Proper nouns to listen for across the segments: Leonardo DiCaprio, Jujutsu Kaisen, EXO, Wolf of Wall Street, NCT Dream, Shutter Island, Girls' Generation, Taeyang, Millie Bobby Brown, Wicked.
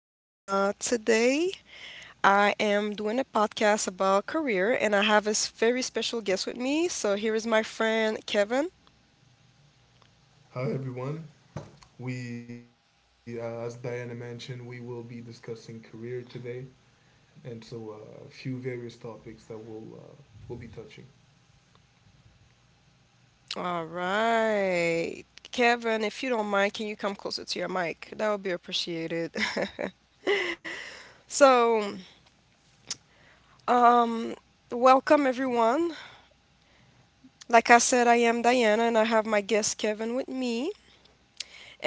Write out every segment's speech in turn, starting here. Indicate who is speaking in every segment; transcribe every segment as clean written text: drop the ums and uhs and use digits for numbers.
Speaker 1: and today I am doing a podcast about career, and I have a very special guest with me. So here is my friend Kevin.
Speaker 2: Hi, everyone. We, as Diana mentioned, we will be discussing career today, and so a few various topics that we'll we'll be touching.
Speaker 1: All right, Kevin, if you don't mind, can you come closer to your mic? That would be appreciated. So, um, welcome everyone. Like I said, I am Diana, and I have my guest Kevin with me.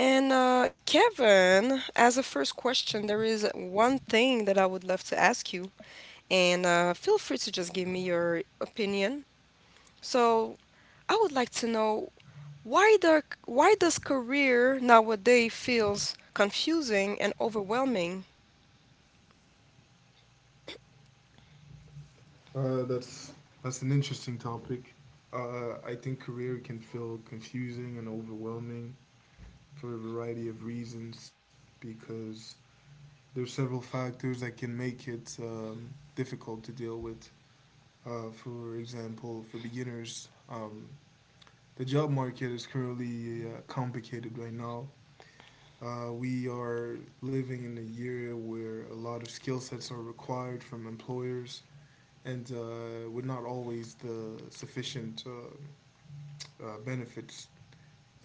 Speaker 1: And Kevin, as a first question, there is one thing that I would love to ask you, and feel free to just give me your opinion. So I would like to know why does career nowadays feels confusing and overwhelming?
Speaker 2: Uh, that's that's an interesting topic. I think career can feel confusing and overwhelming for a variety of reasons because there's several factors that can make it difficult to deal with. For example, for beginners, the job market is currently complicated right now. We are living in a year where a lot of skill sets are required from employers and with not always the sufficient benefits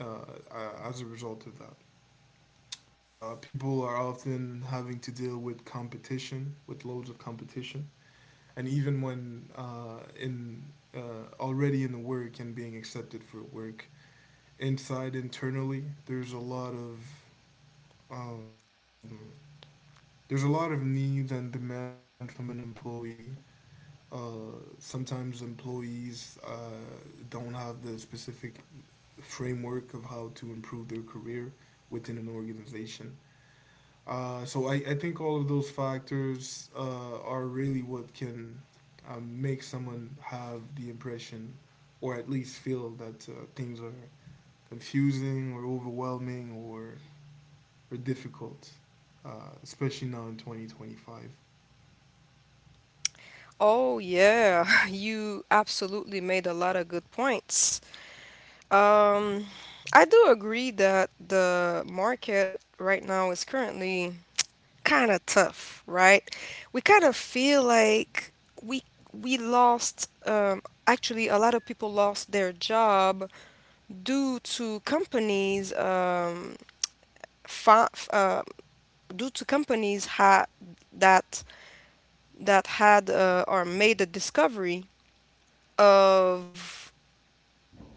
Speaker 2: uh, as a result of that. People are often having to deal with competition, with loads of competition, and even when in already in the work and being accepted for work, inside internally, there's a lot of Um, there's a lot of needs and demand from an employee. Sometimes employees don't have the specific framework of how to improve their career within an organization. So I think all of those factors are really what can make someone have the impression or at least feel that things are confusing or overwhelming or are difficult, especially now in 2025.
Speaker 1: Oh yeah, you absolutely made a lot of good points. Um, I do agree that the market right now is currently kind of tough, right? We kind of feel like we we lost actually a lot of people lost their job due to companies fi- f- uh, due to companies ha- that that had or made the discovery of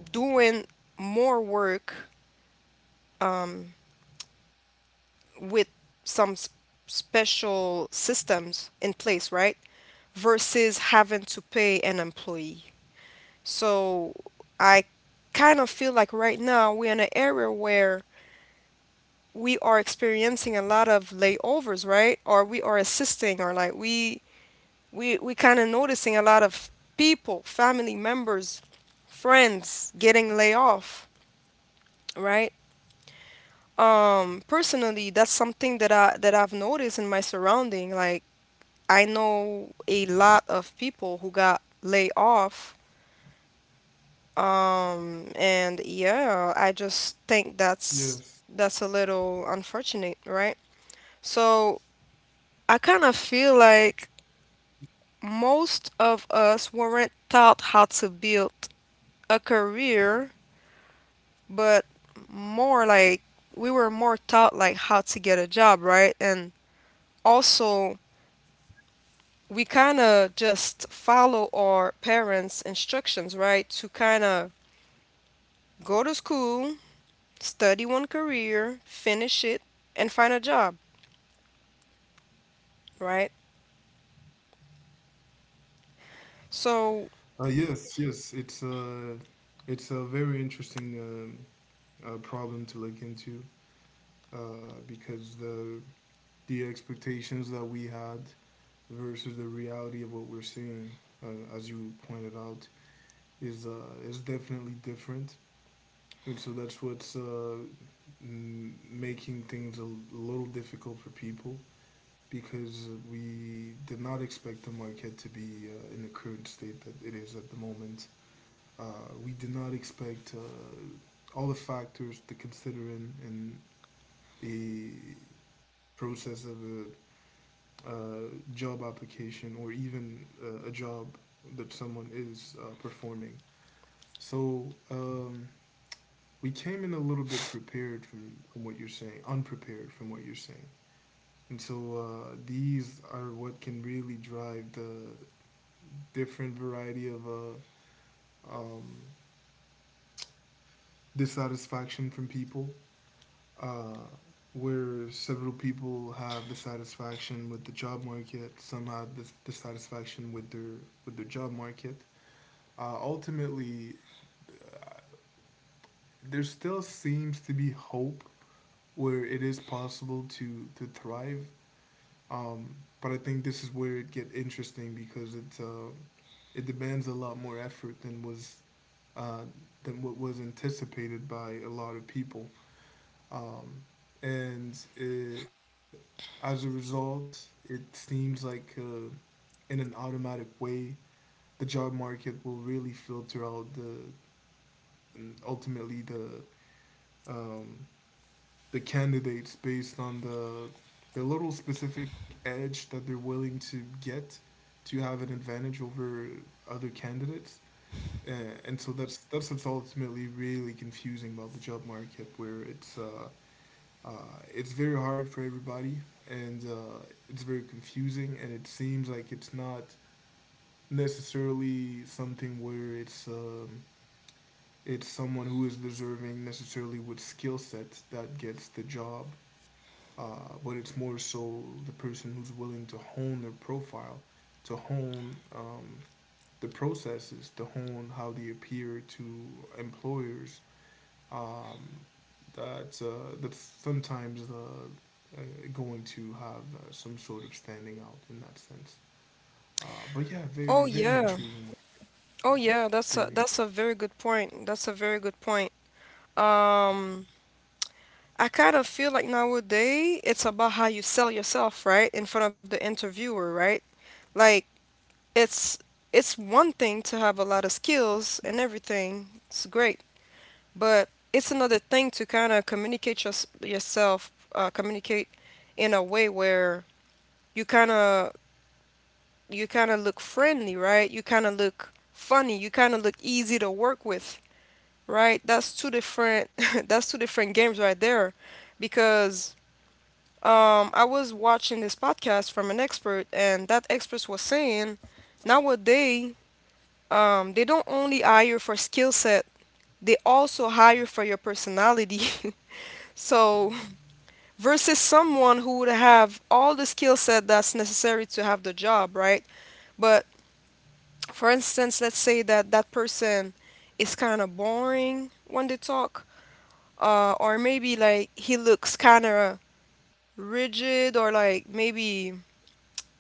Speaker 1: doing more work um, with some special systems in place, right? Versus having to pay an employee. So I kind of feel like right now we're in an area where we are experiencing a lot of layovers, right? Or we are assisting, or like we kind of noticing a lot of people, family members, friends getting laid off, right? Personally, that's something that I've noticed in my surrounding. Like I know a lot of people who got laid off. And yeah, I just think that's
Speaker 2: Yes.
Speaker 1: a little unfortunate, right? So I kind of feel like most of us weren't taught how to build a career, but more like we were more taught like how to get a job, right? And also we kind of just follow our parents' instructions, right? To kind of go to school, study one career, finish it, and find a job, right? So.
Speaker 2: Yes, it's a very interesting problem to look into because the expectations that we had versus the reality of what we're seeing, as you pointed out, is definitely different, and so that's what's making things a little difficult for people, because we did not expect the market to be in the current state that it is at the moment. Uh, we did not expect all the factors to consider in a process of a job application or even a job that someone is performing. So um, we came in a little bit prepared from what you're saying, unprepared from what you're saying. And so these are what can really drive the different variety of um, dissatisfaction from people, uh, where several people have dissatisfaction with the job market, some have dissatisfaction with their job market. Ultimately, there still seems to be hope where it is possible to thrive. But I think this is where it get interesting because it demands a lot more effort than was uh, than what was anticipated by a lot of people. Um, and it, as a result, it seems like in an automatic way, the job market will really filter out the and ultimately um, the candidates based on the little specific edge that they're willing to get to have an advantage over other candidates. Uh, and so that's what's ultimately really confusing about the job market, where it's very hard for everybody, and it's very confusing, and it seems like it's not necessarily something where it's someone who is deserving necessarily with skill set that gets the job, but it's more so the person who's willing to hone their profile, to hone the processes, to hone how they appear to employers um, that sometimes the uh, going to have some sort of standing out in that sense. But yeah, very
Speaker 1: Oh
Speaker 2: very
Speaker 1: yeah,
Speaker 2: intriguing
Speaker 1: oh
Speaker 2: moment.
Speaker 1: yeah, that's a
Speaker 2: Very int-
Speaker 1: very good point. That's a very good point. Um, I kind of feel like nowadays it's about how you sell yourself, right, in front of the interviewer, right? Like it's it's one thing to have a lot of skills and everything. It's great, but it's another thing to kind of communicate yours yourself, communicate in a way where you kind of you kind of look friendly, right? You kind of look funny. You kind of look easy to work with, right? That's two different that's two different games right there, because I was watching this podcast from an expert, and that expert was saying nowadays they don't only hire for skill set, they also hire for your personality. So, versus someone who would have all the skill set that's necessary to have the job, right? But, for instance, let's say that that person is kind of boring when they talk, or maybe like he looks kind of rigid, or like maybe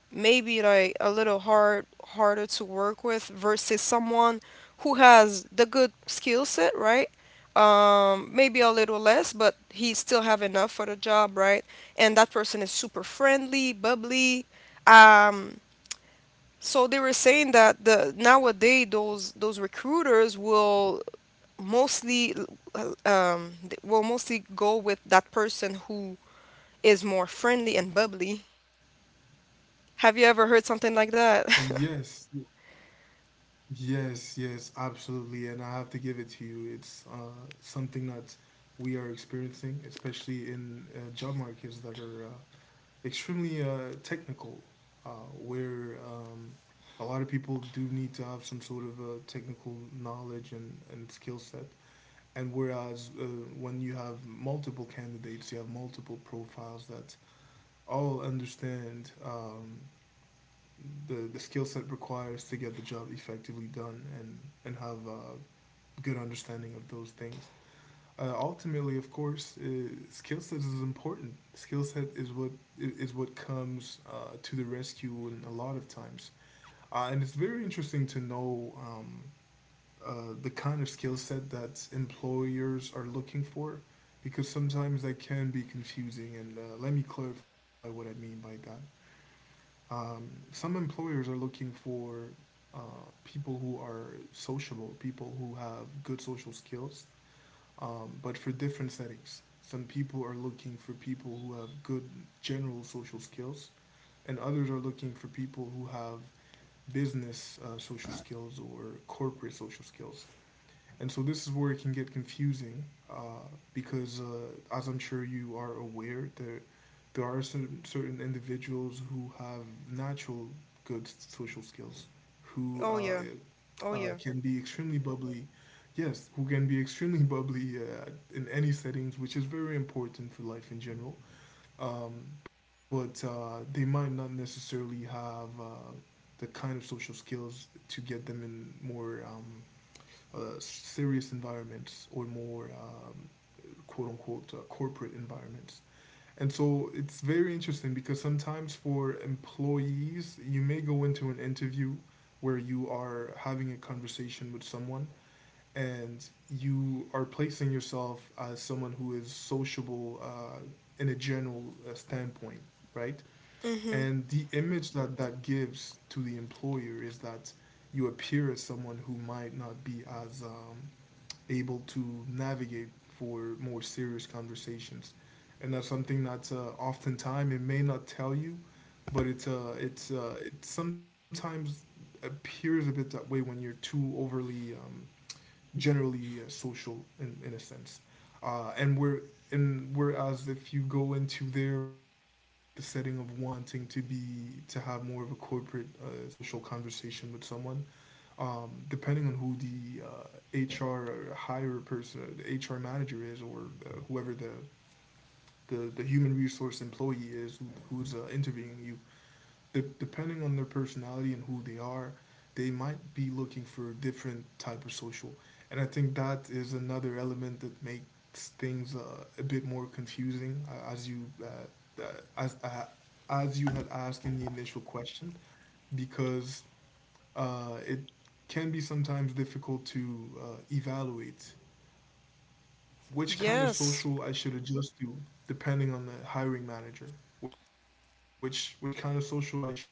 Speaker 1: maybe like a little harder to work with versus someone who has the good skill set, right? Maybe a little less, but he still have enough for the job, right? And that person is super friendly, bubbly. Um, so they were saying that the nowadays those recruiters will mostly will mostly go with that person who is more friendly and bubbly. Have you ever heard something like
Speaker 2: yes,
Speaker 1: that?
Speaker 2: yes, yes, absolutely. And I have to give it to you. It's something that we are experiencing, especially in job markets that are extremely technical, where a lot of people do need to have some sort of technical knowledge and skill set. And whereas when you have multiple candidates, you have multiple profiles that all understand the skill set requires to get the job effectively done and have a good understanding of those things. Ultimately, of course, skill sets is important. Skill set is what comes to the rescue in a lot of times, and it's very interesting to know the kind of skill set that employers are looking for, because sometimes that can be confusing. And let me clarify what I mean by that. Some employers are looking for people who are sociable, people who have good social skills but for different settings. Some people are looking for people who have good general social skills, and others are looking for people who have business social skills or corporate social skills. And so this is where it can get confusing uh, because, as I'm sure you are aware, there are certain individuals who have natural good social skills, who
Speaker 1: Oh yeah. Oh yeah.
Speaker 2: can be extremely bubbly. Yes, who can be extremely bubbly in any settings, which is very important for life in general. But they might not necessarily have the kind of social skills to get them in more. Serious environments or more quote unquote corporate environments. And so it's very interesting because sometimes for employees, you may go into an interview where you are having a conversation with someone and you are placing yourself as someone who is sociable in a general standpoint, right?
Speaker 1: Mm-hmm.
Speaker 2: And the image that that gives to the employer is that you appear as someone who might not be as able to navigate for more serious conversations. And that's something that oftentimes it may not tell you, but it sometimes appears a bit that way when you're too overly generally social in a sense. Uh, and we're and whereas if you go into there with the setting of wanting to be to have more of a corporate social conversation with someone, depending on who the HR hire person, the HR manager is, or whoever the human resource employee is who's interviewing you, depending on their personality and who they are, they might be looking for a different type of social. And I think that is another element that makes things a bit more confusing, as uh, as you had asked in the initial question, because it can be sometimes difficult to evaluate which kind of
Speaker 1: Yes.
Speaker 2: social I should adjust to depending on the hiring manager, which kind of social I should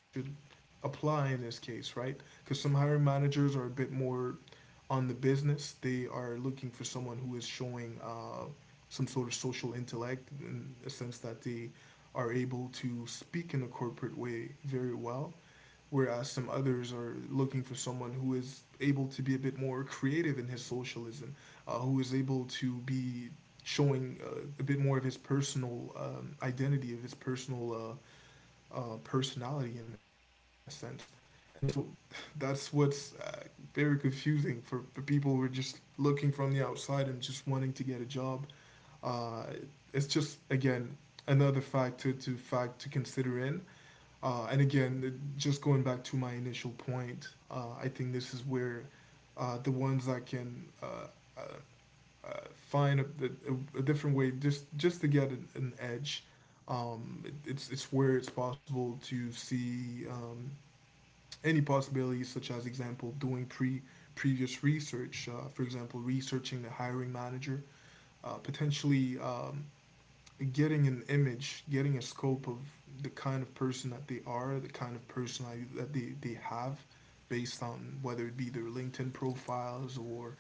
Speaker 2: apply in this case, right? Because some hiring managers are a bit more on the business. They are looking for someone who is showing some sort of social intellect in the sense that they are able to speak in a corporate way very well. Whereas some others are looking for someone who is able to be a bit more creative in his socialism, who is able to be showing a bit more of his personal identity, of his personal personality in a sense. And so that's what's very confusing for people who are just looking from the outside and just wanting to get a job. Uh, it's just, again, another fact to consider in. And again, just going back to my initial point, I think this is where the ones that can uh, find a different way just to get an edge. It's where it's possible to see any possibilities, such as example doing previous research, for example researching the hiring manager, potentially getting an image, getting a scope of the kind of person that they are, the kind of personality that they have, based on whether it be their LinkedIn profiles or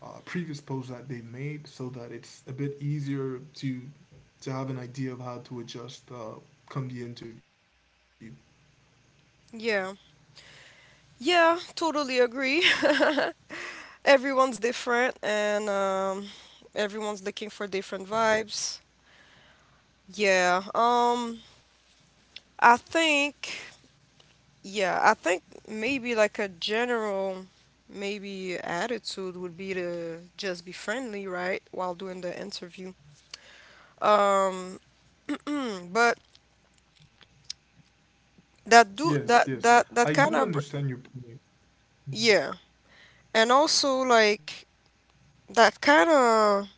Speaker 2: previous posts that they made so that it's a bit easier to have an idea of how to adjust come the interview.
Speaker 1: Yeah. Yeah, totally agree. Everyone's different, and everyone's looking for different vibes. Yeah. I think Yeah, I think maybe like a general maybe attitude would be to just be friendly, right, while doing the interview. Um, but that do
Speaker 2: Yes,
Speaker 1: that
Speaker 2: yes.
Speaker 1: that that
Speaker 2: I
Speaker 1: kind
Speaker 2: do
Speaker 1: of
Speaker 2: understand your point.
Speaker 1: yeah, and also like that kind of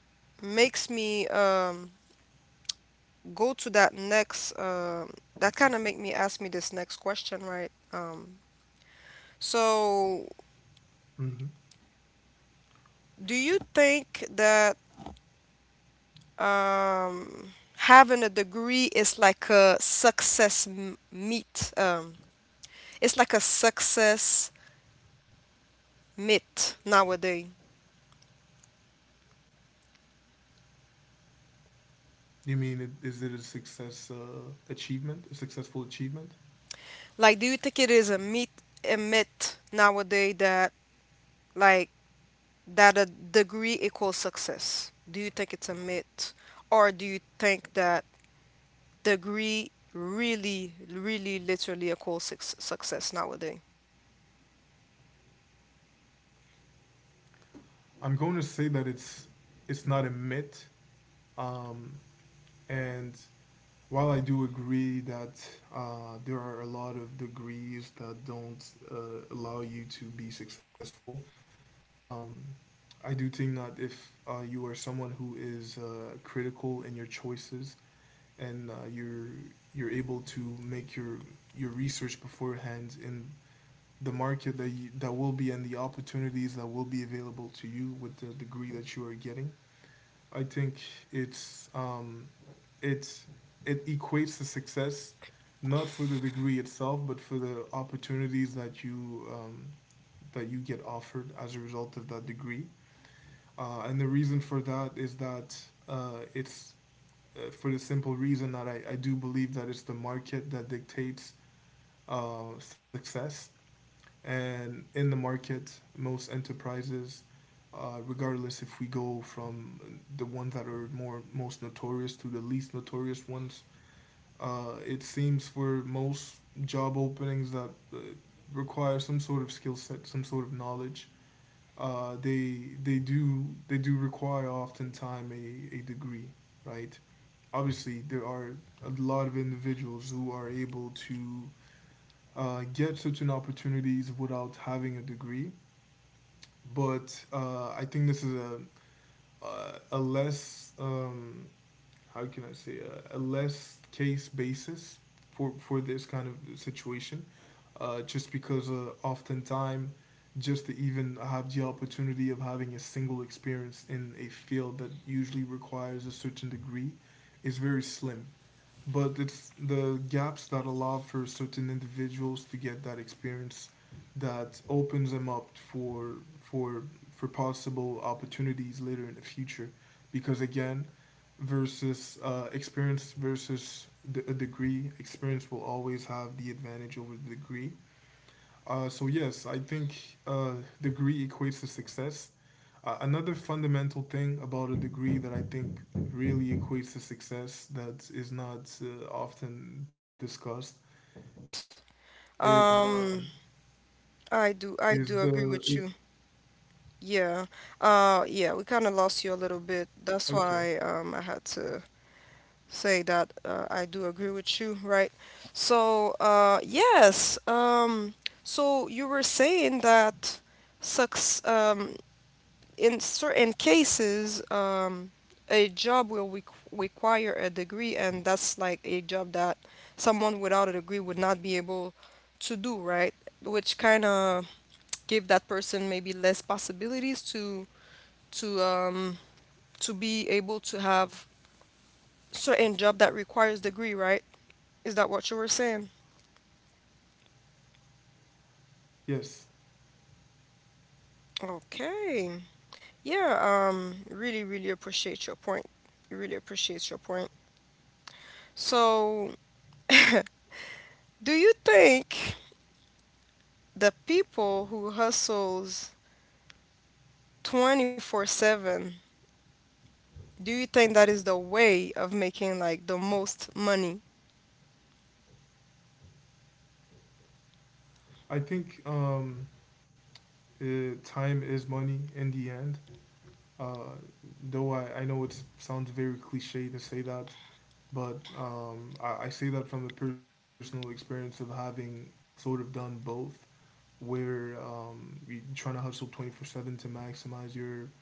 Speaker 1: makes me go to that next, that kind of make me ask me this next question, right? So
Speaker 2: Hmm.
Speaker 1: do you think that um having a degree is like a success m- meet it's like a success myth nowadays?
Speaker 2: You mean is it a success achievement, a successful achievement?
Speaker 1: Like, do you think it is a myth nowadays, that like that a degree equals success? Do you think it's a myth, or do you think that degree really really literally equals success nowadays?
Speaker 2: I'm going to say that it's not a myth. Um, and while I do agree that there are a lot of degrees that don't allow you to be successful. Um, I do think that if you are someone who is critical in your choices and you're able to make your research beforehand in the market that that will be and the opportunities that will be available to you with the degree that you are getting, I think it's um, it's it equates to success, not for the degree itself but for the opportunities that you get offered as a result of that degree. And the reason for that is that it's for the simple reason that I do believe that it's the market that dictates success. And in the market, most enterprises, regardless if we go from the ones that are more most notorious to the least notorious ones, it seems for most job openings that require some sort of skill set, some sort of knowledge. They do require oftentimes a degree, right? Obviously, there are a lot of individuals who are able to get certain opportunities without having a degree, but I think this is a less how can I say, a less case basis for this kind of situation, just because oftentimes just to even have the opportunity of having a single experience in a field that usually requires a certain degree is very slim. But it's the gaps that allow for certain individuals to get that experience that opens them up for possible opportunities later in the future. Because again, versus experience versus the degree, experience will always have the advantage over the degree. So yes, I think degree equates to success. Another fundamental thing about
Speaker 1: Of
Speaker 2: a degree that I
Speaker 1: course, of
Speaker 2: think really
Speaker 1: course.
Speaker 2: equates to success
Speaker 1: Um,
Speaker 2: that
Speaker 1: I
Speaker 2: is not
Speaker 1: totally agree with you,
Speaker 2: often discussed
Speaker 1: Kevin, on
Speaker 2: is
Speaker 1: that.
Speaker 2: um,
Speaker 1: Um,
Speaker 2: is the
Speaker 1: I
Speaker 2: is
Speaker 1: do agree with you. Yeah. Yeah, we kind of lost you a little
Speaker 2: okay.
Speaker 1: bit. That's why I had to say that I do agree with you, right? So, yes. So you were saying that sucks. In certain cases, a job will require a degree, and that's like a job that someone without a degree would not be able to do, right? Which kind of give that person maybe less possibilities to um to be able to have certain job that requires degree, right? Is that what you were saying?
Speaker 2: Yes,
Speaker 1: Okay. Yeah, really really appreciate your point. Really appreciate your point. So, do you think the people who hustles 24/7, do you think that is the way of making like the most money?
Speaker 2: I think time is money in the end. Uh, though I know it sounds very cliche to say that, but I say that from a personal experience of having sort of done both. Where you're trying to hustle 24/7 to maximize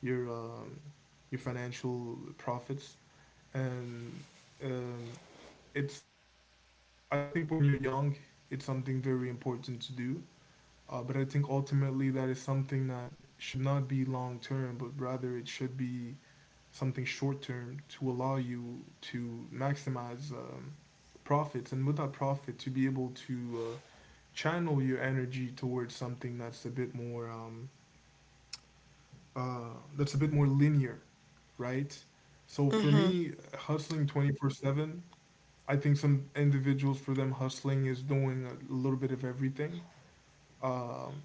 Speaker 2: your um, your financial profits. And um, it's I think when you're young it's something very important to do. But I think ultimately that is something that should not be long term but rather it should be something short term to allow you to maximize profits, and with that profit to be able to channel your energy towards something that's a bit more linear, right? So for
Speaker 1: Mm-hmm.
Speaker 2: me, hustling 24/7, I think some individuals for them hustling is doing a little bit of everything. Um,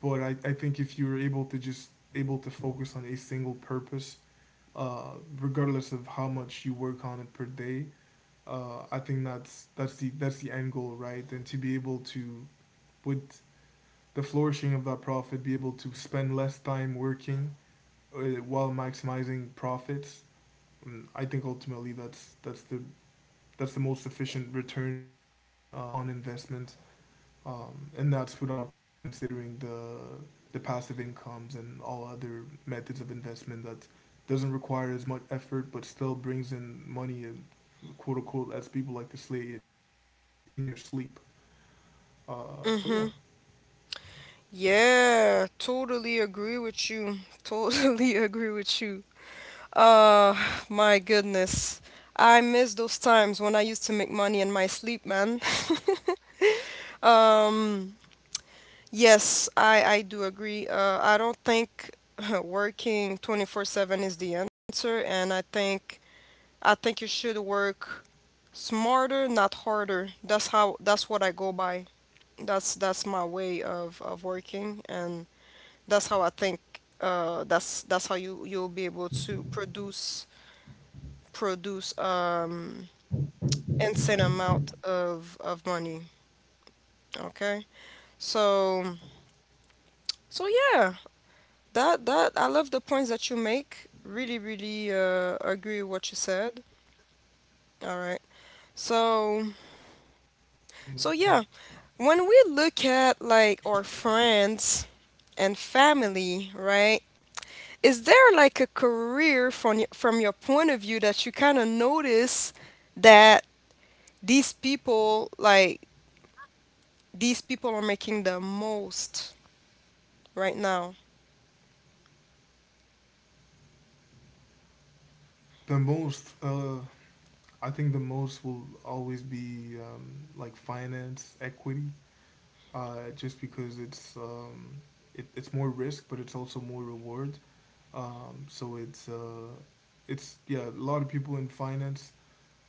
Speaker 2: but I think if you're able to just able to focus on a single purpose, uh, regardless of how much you work on it per day. I think that's the end goal, right? And to be able to, with the flourishing of that profit, be able to spend less time working uh, while maximizing profits. And I think ultimately that's the most efficient return on investment, and that's without considering the passive incomes and all other methods of investment that doesn't require as much effort but still brings in money, quote unquote, as people like to say, in your sleep. So yeah.
Speaker 1: Mm-hmm. Yeah, totally agree with you. Totally agree with you. uh my goodness, I miss those times when I used to make money in my sleep, man. um yes, I do agree. I don't think working 24/7 is the answer. And I think you should work smarter, not harder. That's what I go by. That's my way of working, and that's how I think, that's how you'll be able to produce produce um insane amount of money. Okay? So so, yeah, that that I love the points that you make. Really, really agree with what you said. All right. So
Speaker 2: Mm,
Speaker 1: so, yeah. When we
Speaker 2: interesting.
Speaker 1: look at like our friends and family, right? Is there like a career from from your point of view that you kind of notice that these people like these people are making the most right now?
Speaker 2: The most, I think, the most will always be like finance, equity. Just because it's more risk, but it's also more reward. So it's yeah, a lot of people in finance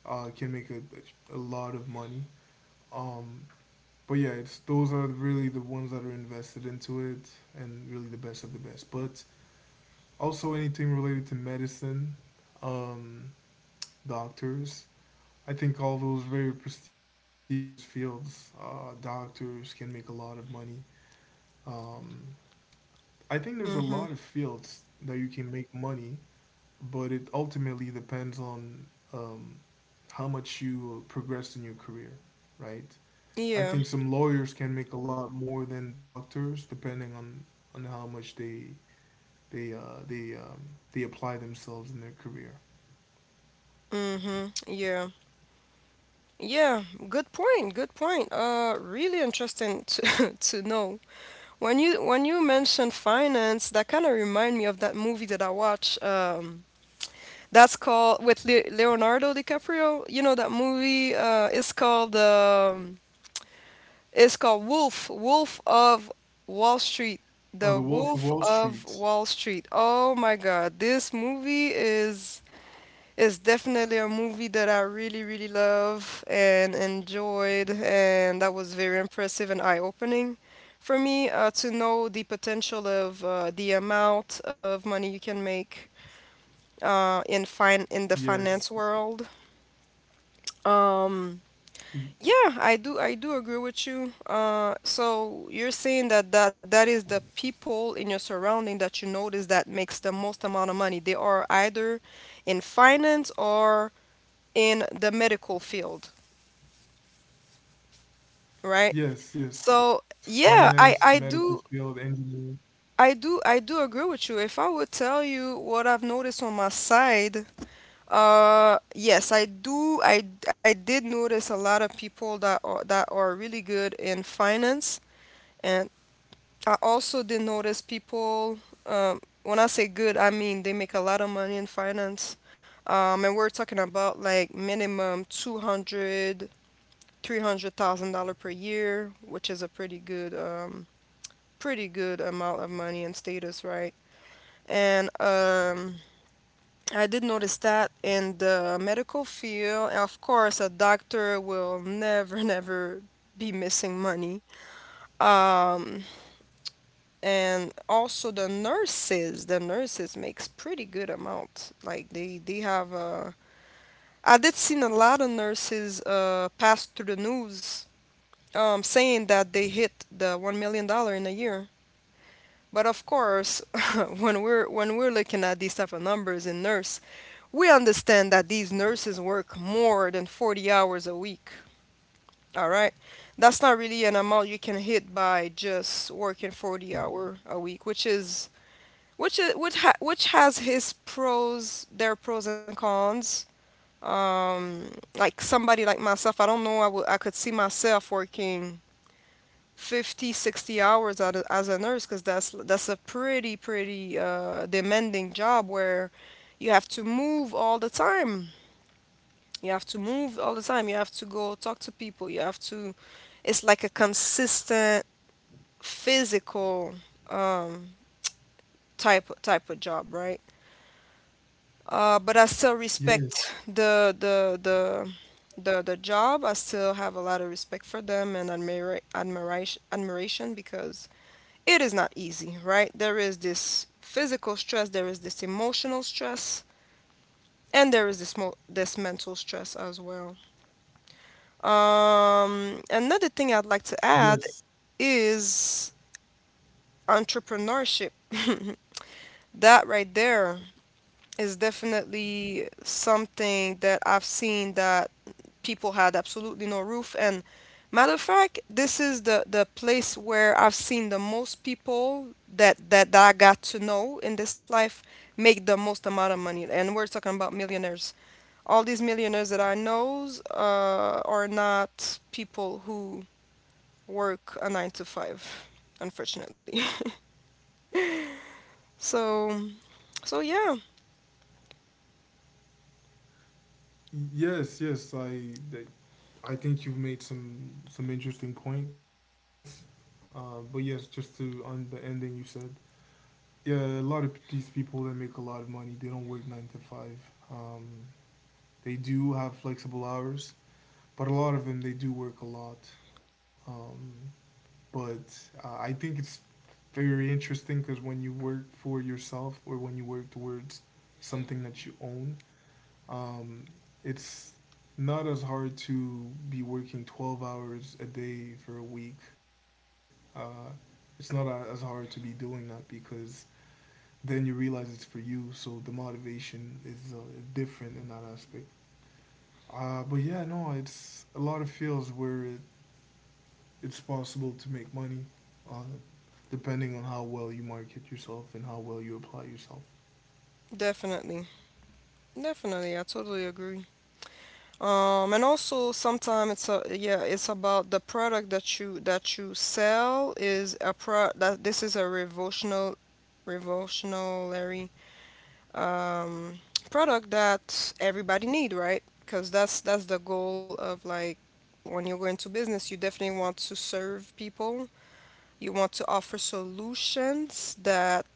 Speaker 2: can make a lot of money. Um, but yeah, it's those are really the ones that are invested into it, and really the best of the best. But also anything related to medicine, um, doctors. I think all those very prestigious fields, doctors can make a lot of money. Um, I think there's a lot of
Speaker 1: Mm-hmm.
Speaker 2: fields that you can make money, but it ultimately depends on um, how much you progress in your career, right? I
Speaker 1: Yeah.
Speaker 2: think some lawyers can make a lot more than doctors, depending on how much they uh, they um, they apply themselves in their career.
Speaker 1: Mm-hmm. Yeah. Yeah. Good point. Good point. Really interesting to to know. When you mentioned finance, that kind of remind me of that movie that I watched. That's called, with Leonardo DiCaprio. You know that movie, is called, it's called Wolf of Wall Street. The
Speaker 2: Oh, The Wolf
Speaker 1: Wolf
Speaker 2: of Wall
Speaker 1: of Wall
Speaker 2: Street.
Speaker 1: Street. Oh my God, this movie is definitely a movie that I really really love and enjoyed, and that was very impressive and eye-opening for me, to know the potential of, the amount of money you can make, in the
Speaker 2: Yes,
Speaker 1: finance world. Um,
Speaker 2: Y-
Speaker 1: yeah, I do agree with you. So you're saying that that is the people in your surrounding that you notice that makes the most amount of money. They are either in finance or in the medical field, right?
Speaker 2: yes,
Speaker 1: So
Speaker 2: yes.
Speaker 1: yeah,
Speaker 2: Finance,
Speaker 1: I I
Speaker 2: medical
Speaker 1: do
Speaker 2: field, engineering.
Speaker 1: I do I do agree with you. If I would tell you what I've noticed on my side, yes, I do. I did notice a lot of people that are really good in finance. And I also did notice people. When I say good, I mean they make a lot of money in finance. And we're talking about like minimum 200, $3 per year, which is a pretty good amount of money and status, right? And I did notice that in the medical field, of course, a doctor will never, never be missing money. Um, and also the nurses makes pretty good amount, like they have I did seen a lot of nurses pass through the news, saying that they hit the $1 million in a year. But of course, when we're looking at these type of numbers in nurse, we understand that these nurses work more than 40 hours a week. All right, that's not really an amount you can hit by just working 40 hour a week, which is which I- which ha- which has their pros and cons. Like somebody like myself, I don't know, I could see myself working 50, 60 hours as a nurse, because that's a pretty, pretty demanding job where you have to move all the time. You have to move all the time. You have to go talk to people. You have to. It's like a consistent physical, um type of job, right? But I still respect
Speaker 2: Yes,
Speaker 1: the job. I still have a lot of respect for them, and admiration, because it is not easy, right? There is this physical stress, there is this emotional stress, and there is this mental stress as well. Another thing I'd like to add
Speaker 2: yes,
Speaker 1: is entrepreneurship. That right there is definitely something that I've seen that people had absolutely no roof. And matter of fact, this is the place where I've seen the most people that I got to know in this life make the most amount of money. And we're talking about millionaires. All these millionaires that I knows, are not people who work a nine to five, unfortunately. So, so, yeah,
Speaker 2: yes, yes. I think you've made some interesting points. But yes, just to on the ending you said, yeah, a lot of these people that make a lot of money, they don't work nine to five. Um, they do have flexible hours, but a lot of them they do work a lot. Um, but I think it's very interesting because when you work for yourself or when you work towards something that you own, um, it's not as hard to be working 12 hours a day for a week. Uh, it's not as hard to be doing that because then you realize it's for you. So the motivation is different in that aspect. But yeah, no, it's a lot of fields where it's possible to make money, uh, depending on how well you market yourself and how well you apply yourself.
Speaker 1: definitely, definitely, I totally agree. And also sometimes it's a yeah, it's about the product that you sell. Is a pro that This is a revolutionary, revolutionary um product that everybody need, right? Because that's the goal of, like, when you go into business, you definitely want to serve people. You want to offer solutions that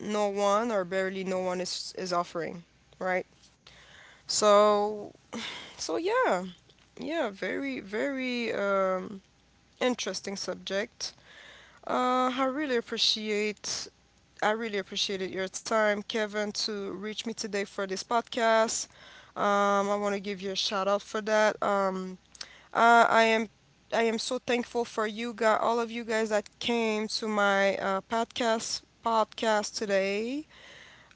Speaker 1: no one or barely no one is offering, right? So so, yeah. Yeah, very, very, interesting subject. Uh, I really appreciate I really appreciated your time, Kevin, to reach me today for this podcast. I want to give you a shout out for that. Uh, I am I am so thankful for you guys, all of you guys that came to my podcast today,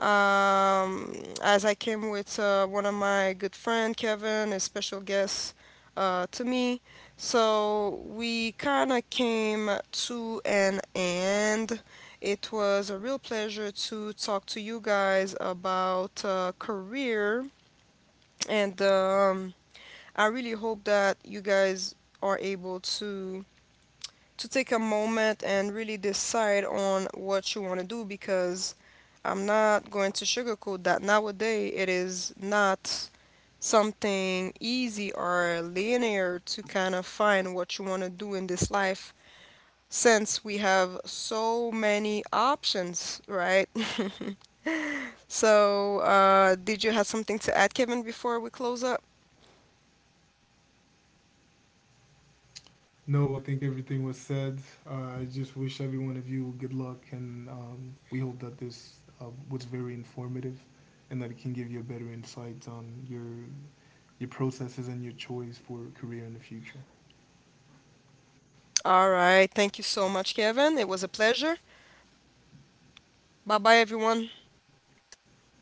Speaker 1: um, as I came with one of my good friend Kevin, a special guest, to me. So we kind of came to an end. It was a real pleasure to talk to you guys about, career, and I really hope that you guys are able to take a moment and really decide on what you want to do, because I'm not going to sugarcoat that nowadays it is not something easy or linear to kind of find what you want to do in this life, since we have so many options, right? So, did you have something to add, Kevin, before we close up?
Speaker 2: No, I think everything was said. I just wish every one of you good luck, and we hope that this was very informative, and that it can give you a better insight on your processes and your choice for career in the future.
Speaker 1: All right. Thank you so much, Kevin. It was a pleasure. Bye bye, everyone.
Speaker 2: Thank you for having me.